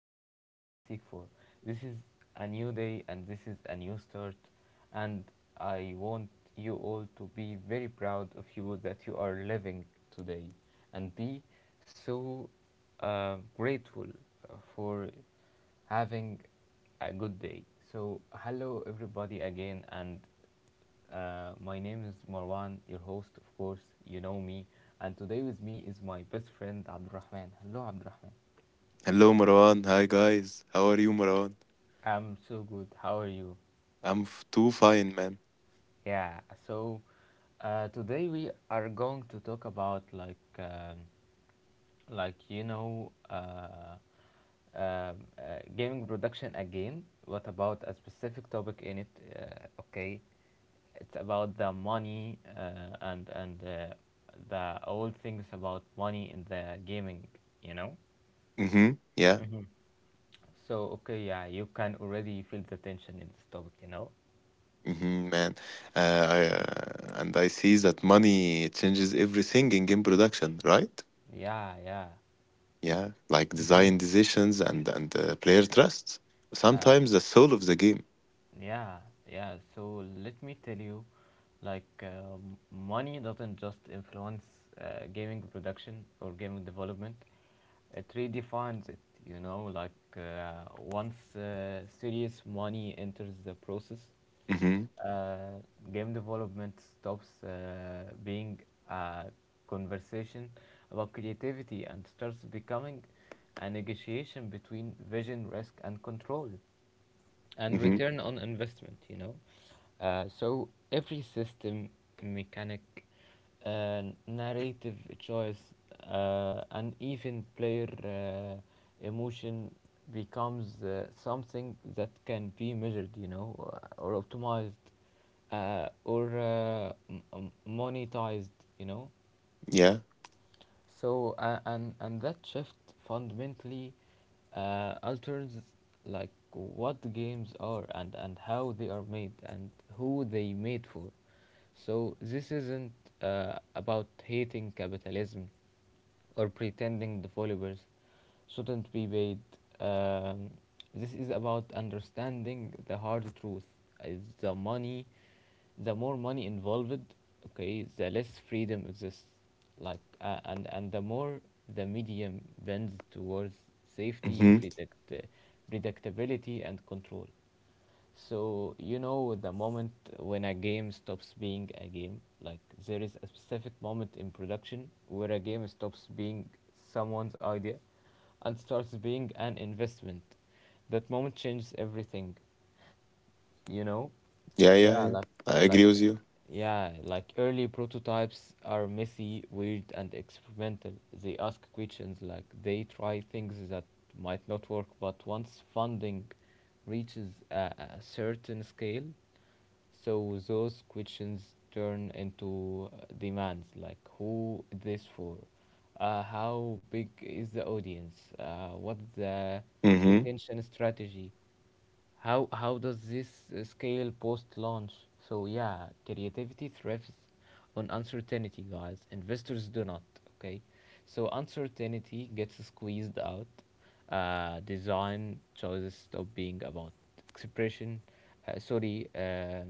answers that you seek for. This is a new day and this is a new start, and I want you all to be very proud of you that you are living today and be so grateful for having a good day. So, hello, everybody, again, and my name is Marwan, your host, of course. You know me. And today with me is my best friend, Abdurrahman. Hello, Abdurrahman. Hello, Marwan. Hi, guys. How are you, Marwan? I'm so good. How are you? I'm f too fine, man. Yeah, so today we are going to talk about, like um, uh, gaming production again. What about a specific topic in it? Okay, it's about the money and the old things about money in the gaming. You know. Mm-hmm. Yeah. Mm-hmm. So okay, yeah, you can already feel the tension in this topic. You know. Mm-hmm, man. I see that money changes everything in game production, right? Yeah, yeah. Yeah, like Mm-hmm. design decisions and player trusts. Uh, Sometimes the soul of the game. yeah, yeah. So let me tell you, like, money doesn't just influence gaming production or gaming development. It redefines it. Like once serious money enters the process, Mm-hmm. uh, game development stops being a conversation about creativity and starts becoming a negotiation between vision, risk, and control and Mm-hmm. return on investment. So every system, mechanic, uh, narrative choice, and even player emotion becomes something that can be measured, or optimized, or monetized you know Yeah. And that shift fundamentally alters like what the games are, and how they are made, and who they made for. So this isn't about hating capitalism or pretending the followers shouldn't be paid. Um, this is about understanding the hard truth. Is the money, the more money involved, okay, the less freedom exists. And the more the medium bends towards safety, Mm-hmm. Predictability, and control. So you know the moment when a game stops being a game, like there is a specific moment in production where a game stops being someone's idea and starts being an investment. That moment changes everything you know Yeah, yeah, yeah, yeah, I like agree with you. yeah like early prototypes are messy, weird, and experimental. They ask questions, like they try things that might not work, but once funding reaches a certain scale, so those questions turn into demands like, who is this for? How big is the audience? What's the Mm-hmm. retention strategy? How does this scale post launch? So yeah, creativity thrives on uncertainty, guys. Investors do not. Okay, so uncertainty gets squeezed out. Design choices stop being about expression uh, sorry uh,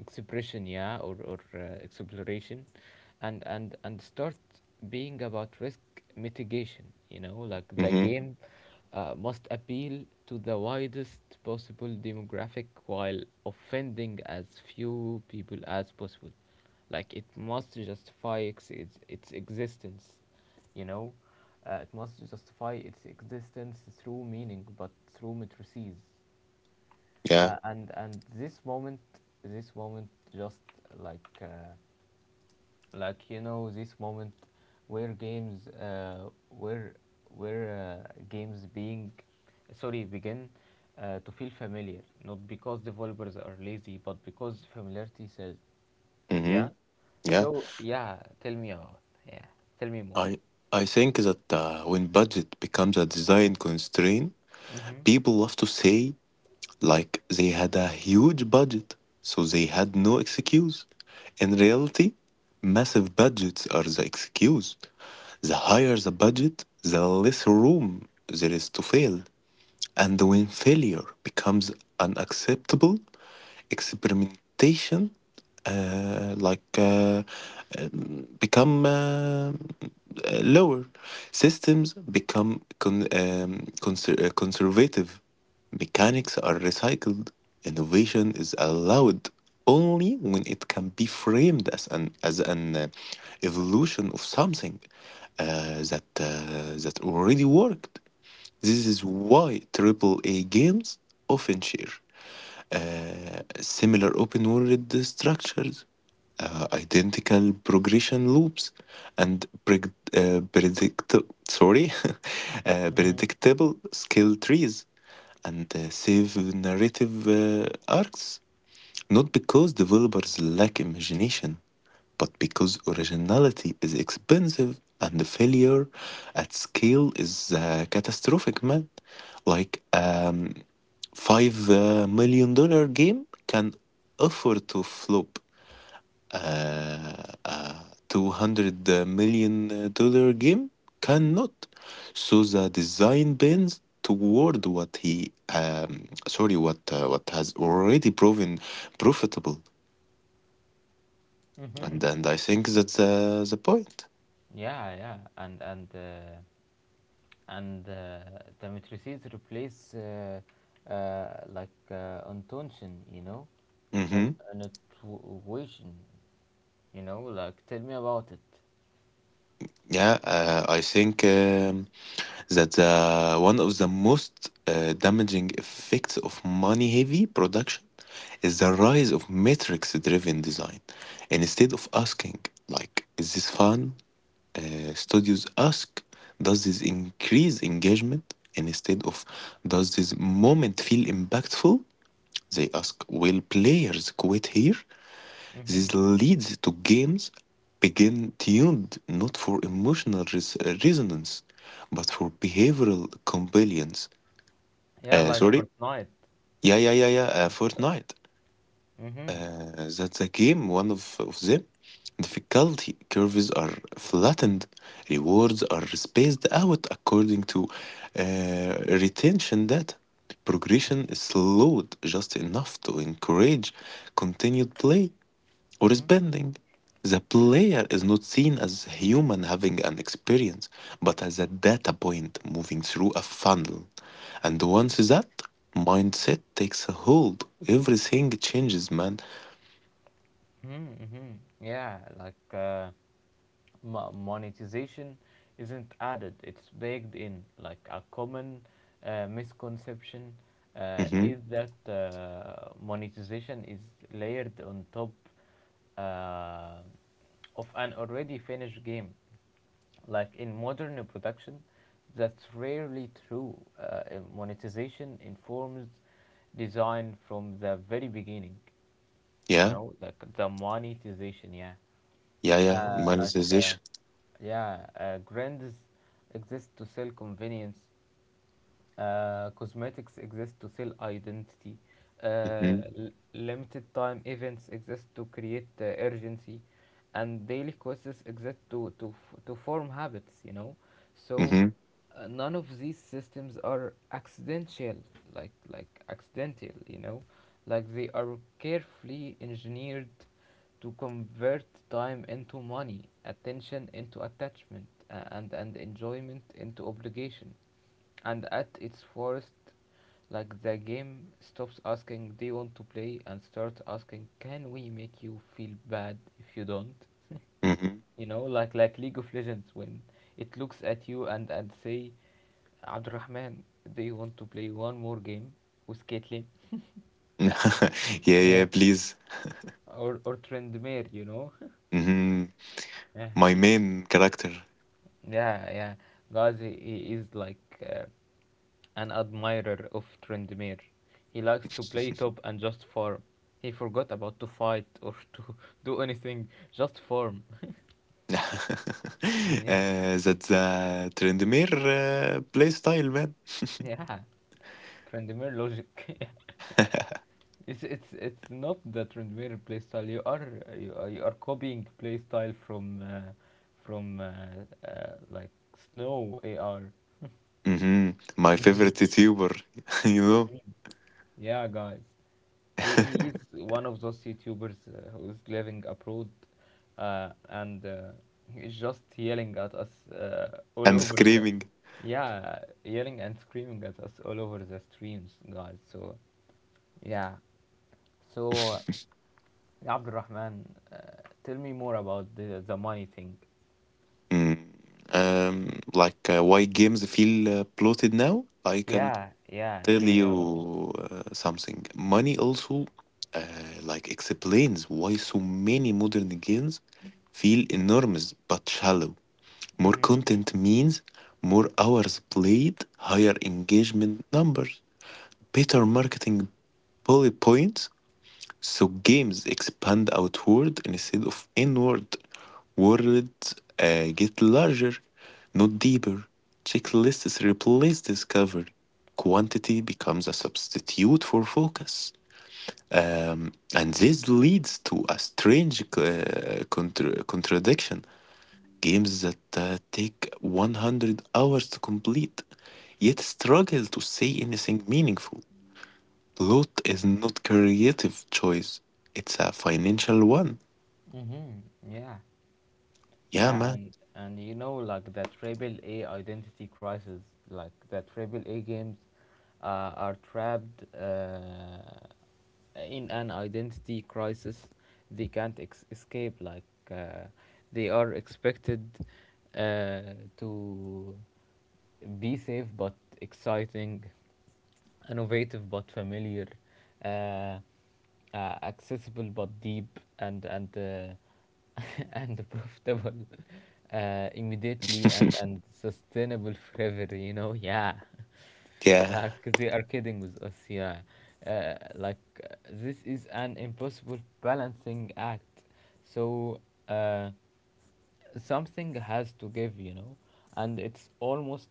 expression, yeah, or exploration and start being about risk mitigation. Like the Mm-hmm. game must appeal to the widest possible demographic while offending as few people as possible, like it must justify its existence you know it must justify its existence through meaning but through matrices. Yeah. And this moment, this moment just like uh, like you know this moment where games uh, where where games being sorry begin to feel familiar, not because developers are lazy but because familiarity says Mm-hmm. yeah Yeah. so yeah tell me more. I I think that when budget becomes a design constraint, people love to say like they had a huge budget, so they had no excuse. In reality, massive budgets are the excuse. The higher the budget, the less room there is to fail. And when failure becomes unacceptable, experimentation uh, like uh, become lower. Systems become conservative. Mechanics are recycled. Innovation is allowed only when it can be framed as an evolution of something that already worked. This is why AAA games often share similar open world structures, identical progression loops, and preg- predict sorry predictable skill trees and save narrative arcs, not because developers lack imagination, but because originality is expensive and the failure at scale is catastrophic, man. like um, five million dollar game can afford to flop. uh, uh, 200 million dollar game? Cannot. So the design bends toward what has already proven profitable, Mm-hmm. and I think that's the point. Yeah, yeah, and the matrices replace intonation, you know, an Hmm. intuition, you know, like tell me about it. Yeah, I think. That one of the most damaging effects of money heavy production is the rise of metrics driven design. And instead of asking, like, is this fun? Studios ask, does this increase engagement? And instead of, does this moment feel impactful? They ask, will players quit here? Mm-hmm. This leads to games being tuned not for emotional resonance, but for behavioral compliance. Yeah, like Sorry? Fortnite. Yeah, yeah, yeah, yeah. Fortnite. Mm-hmm. That's a game, one of them. Difficulty curves are flattened, rewards are spaced out according to retention data. Progression is slowed just enough to encourage continued play or is Mm-hmm. bending. The player is not seen as a human having an experience, but as a data point moving through a funnel. And once that mindset takes a hold, everything changes, man. Mm-hmm. Yeah, like monetization isn't added, it's baked in. Like a common misconception Hmm. is that monetization is layered on top uh, of an already finished game. Like in modern production, that's rarely true. Monetization informs design from the very beginning, you Yeah, know, yeah, yeah. Like Monetization. yeah grands exist to sell convenience, cosmetics exist to sell identity. Uh, Hmm. Limited time events exist to create urgency, and daily quests exist to to form habits. You know, so Hmm. None of these systems are accidental, like accidental. You know, like they are carefully engineered to convert time into money, attention into attachment, and enjoyment into obligation. And at its worst, like the game stops asking, Do you want to play? And starts asking, Can we make you feel bad if you don't? Hmm. You know, like League of Legends, when it looks at you and say, Abdurrahman, do you want to play one more game with Caitlyn? Yeah, yeah, Yeah. please. Or Trendmere, you know? Hmm. Yeah. My main character. Yeah, yeah. Guys, he is like an admirer of Trendmere. He likes to play top and just farm. He forgot about to fight or to do anything, just farm. Yeah, That's Trendemir playstyle, man. yeah. Trendmere logic. Yeah. It's not the Trendmere playstyle. You are copying playstyle from from uh, like Snow AR. Hmm. My favorite YouTuber, you know, Yeah, guys. He is one of those YouTubers who is living abroad, and he just yelling at us all and over the screaming. yeah yelling and screaming at us all over the streams, guys. So yeah so Abdul Rahman, tell me more about the money thing. Mm. Why games feel bloated now? I can Yeah, yeah, tell tell me about it. you something. Money also uh, like explains why so many modern games feel enormous but shallow. More Mm-hmm. content means more hours played, higher engagement numbers, better marketing bullet points. So games expand outward instead of inward. Worlds get larger, not deeper. Checklists replace discovery. Quantity becomes a substitute for focus. And this leads to a strange contradiction. Games that take 100 hours to complete, yet struggle to say anything meaningful. Plot is not creative choice. It's a financial one. Mm-hmm. Yeah. Yeah, Yeah, man. and you know, like the AAA identity crisis, like the AAA games are trapped in an identity crisis they can't escape. Like uh, they are expected uh, to be safe but exciting, innovative but familiar, uh, uh, accessible but deep, and and profitable immediately and and sustainable forever, you know. Yeah. Yeah. Like they are kidding with us, yeah. This is an impossible balancing act, so uh, something has to give, you know, and it's almost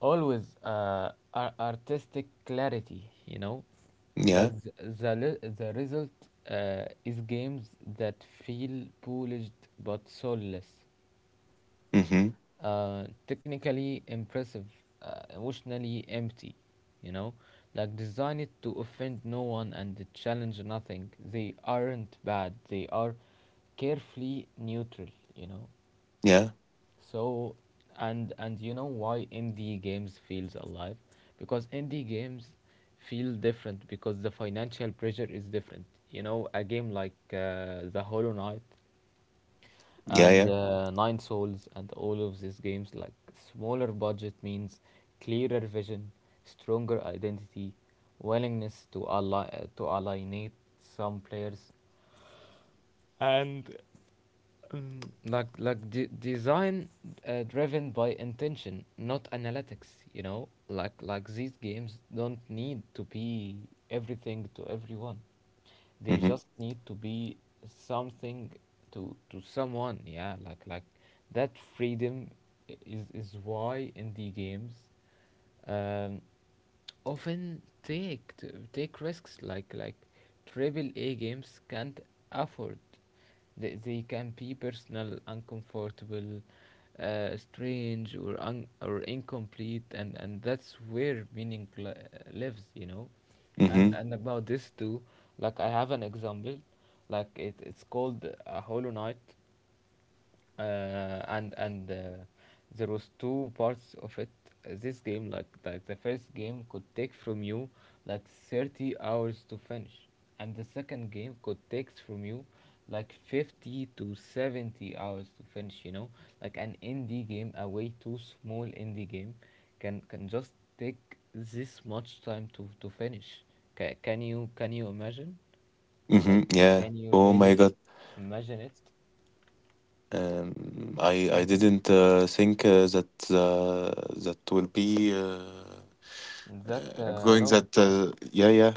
always artistic clarity, you know. Like Yeah. the result is games that feel polished but soulless, Mm-hmm. Technically impressive, emotionally empty, you know, like designed to offend no one and challenge nothing. They aren't bad, they are carefully neutral, you know. Yeah. So, and you know why indie games feels alive? Because indie games feel different because the financial pressure is different. You know, a game like The Hollow Knight Yeah. and Yeah. uh, Nine Souls and all of these games, like smaller budget means clearer vision, stronger identity, willingness to ally to alienate some players, like design driven by intention not analytics, you know, like these games don't need to be everything to everyone. They Mm-hmm. just need to be something to someone. Yeah. Like that freedom is why indie games um often take take risks like AAA games can't afford. They can be personal, uncomfortable, strange, or or incomplete, and that's where meaning lives, you know. And Mm-hmm. and about this too, like I have an example, like it's called a Hollow Knight, and there was two parts of it. This game, like the first game could take from you like 30 hours to finish, and the second game could take from you like 50 to 70 hours to finish, you know. Like an indie game, a way too small indie game, can just take this much time to finish. Ca Can you imagine, like Mm-hmm. Yeah. can you Oh my really God. imagine it Um, I didn't think that will be that going long? that. Yeah. Yeah. Yeah.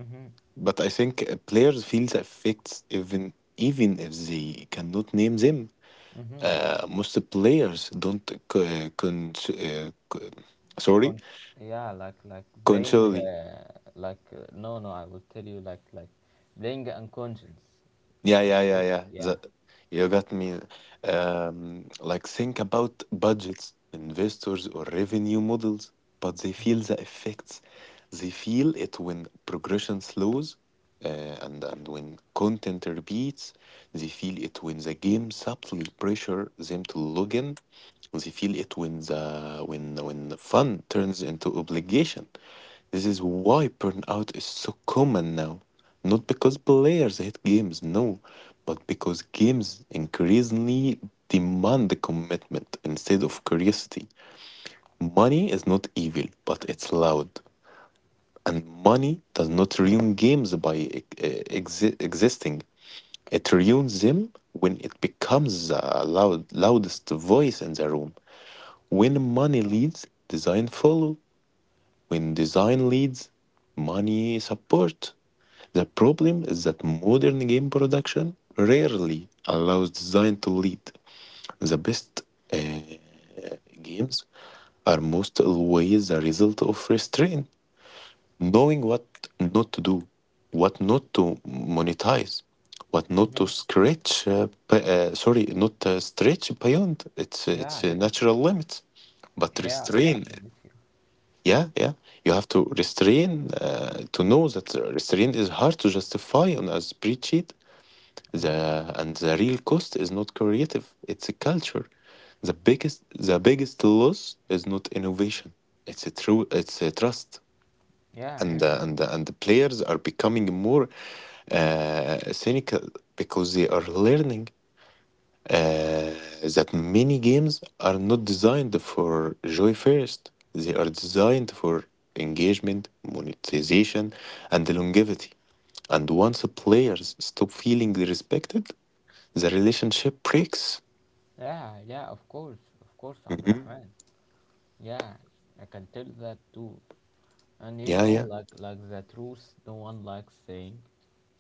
Mm-hmm. But I think players feel the effects even if they cannot name them. Mm-hmm. Most players don't c- con- c- sorry Cons- yeah, like playing controlly. No, no, I will tell you, like playing unconscious, Yeah, like yeah, yeah, this. yeah. Yeah. You got me. Think about budgets, investors, or revenue models, but they feel the effects. They feel it when progression slows, and when content repeats. They feel it when the game subtly pressure them to log in. They feel it when the when fun turns into obligation. This is why burnout is so common now. Not because players hate games, no, but because games increasingly demand the commitment instead of curiosity. Money is not evil, but it's loud. And money does not ruin games by existing. It ruins them when it becomes the loudest voice in the room. When money leads, design follow. When design leads, money support. The problem is that modern game production rarely allows design to lead. The best uh, games are most always a result of restraint, knowing what not to do, what not to monetize, what not to Mm-hmm. scratch. P- sorry, not Stretch beyond its Yeah. Natural limits, but Yeah, I restrain. totally get you. Yeah, yeah. You have to restrain to know that restraint is hard to justify on a spreadsheet. The Mm-hmm. and the real cost is not creative; it's a culture. The biggest loss is not innovation. It's a trust, Yeah, and yeah. uh, and uh, and the players are becoming more cynical because they are learning uh, that many games are not designed for joy first. They are designed for engagement, monetization, and longevity. And once players stop feeling respected, the relationship breaks. Yeah, yeah, of course. Of course, Hmm. Abdurrahman. Yeah, I can tell that too. And you Yeah, know, yeah. like the truth no one likes saying.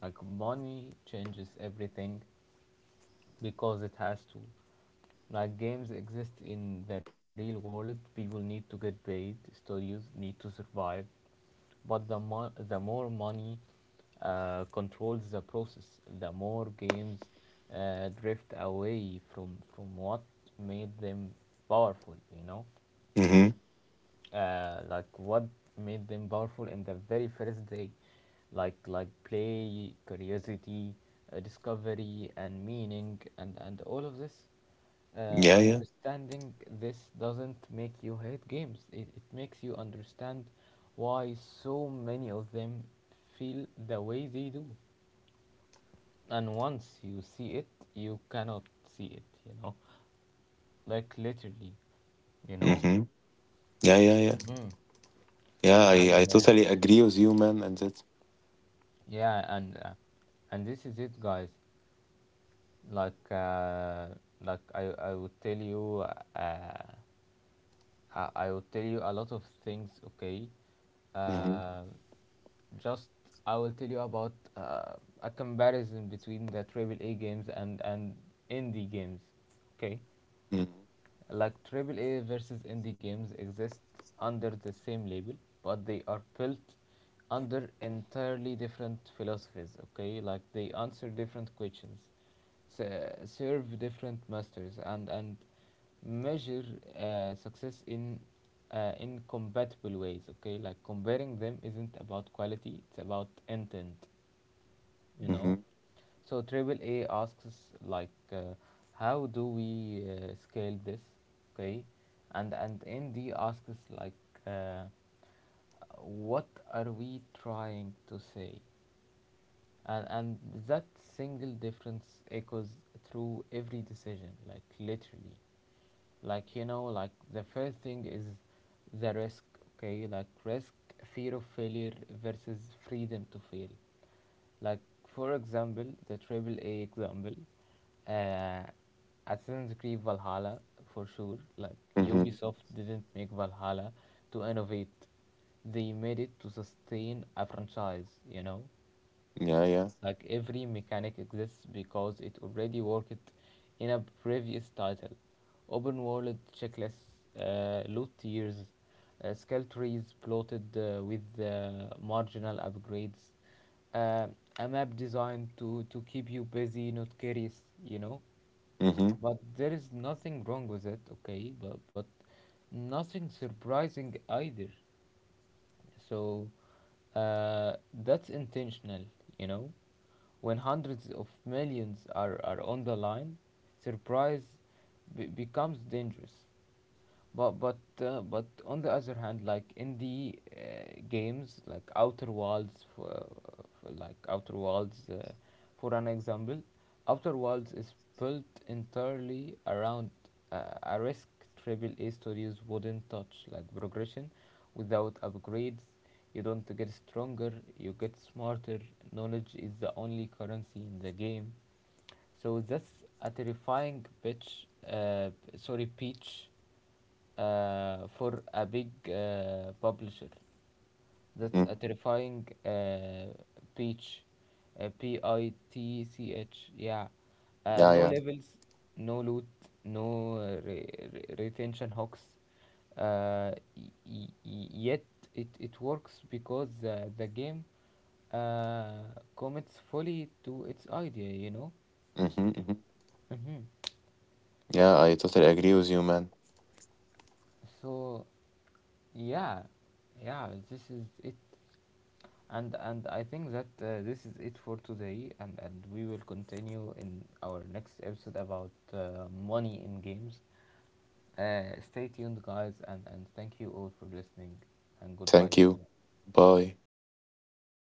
Like money changes everything because it has to. Like games exist in the real world, people need to get paid, studios need to survive, but the more money controls the process, the more games drift away from what made them powerful. You know, Hmm. Like what made them powerful in the very first day, like play, curiosity, discovery, and meaning, and all of this Yeah, yeah. understanding. This doesn't make you hate games, it makes you understand why so many of them feel the way they do. And once you see it, you cannot see it, you know, like literally, you know. Hmm. Yeah, yeah, yeah. Hmm. Yeah, I And totally agree with you, man. And that. yeah, and this is it, guys. Like, I would tell you. Uh, I will tell you a lot of things, okay? Hmm. Uh, just I will tell you about a comparison between the AAA games and indie games, okay? Hmm. Like AAA versus indie games exist under the same label, but they are built under entirely different philosophies, okay? Like they answer different questions, serve different masters, and measure success in incompatible ways, okay? Like comparing them isn't about quality, it's about intent, you know. Hmm. So AAA asks us, like how do we scale this, okay, and nd asks us, like uh, what are we trying to say, and that single difference echoes through every decision, like literally, like you know, like the first thing is the risk, okay, like risk, fear of failure versus freedom to fail. Like for example the AAA example, uh assassin's creed valhalla, for sure. Like Hmm. ubisoft didn't make valhalla to innovate, they made it to sustain a franchise, you know. Yeah, yeah. Like every mechanic exists because it already worked in a previous title. Open world checklists, loot tiers, skill trees plotted with marginal upgrades, uh, a map designed to keep you busy, not curious, you know. Hmm. But there is nothing wrong with it, okay, but nothing surprising either. So uh, that's intentional, you know. When hundreds of millions are on the line, surprise becomes dangerous. But on the other hand, like in the games, like Outer Worlds, for like Outer Worlds, uh, for an example, Outer Worlds is built entirely around a risk AAA studios wouldn't touch, like progression, without upgrades. You don't get stronger, you get smarter. Knowledge is the only currency in the game. So that's a terrifying pitch, for a big publisher. That's a Hmm. terrifying pitch, pitch. Yeah, Yeah, no yeah. levels, no loot, no retention hooks. Yet it works because the game uh, commits fully to its idea, you know. Hmm. Hmm. Hmm. Yeah, I totally agree with you, man. So yeah, yeah, this is it, and I think that this is it for today, and we will continue in our next episode about money in games. Stay tuned, guys, and thank you all for listening, and goodbye, Thank you. everyone. Bye.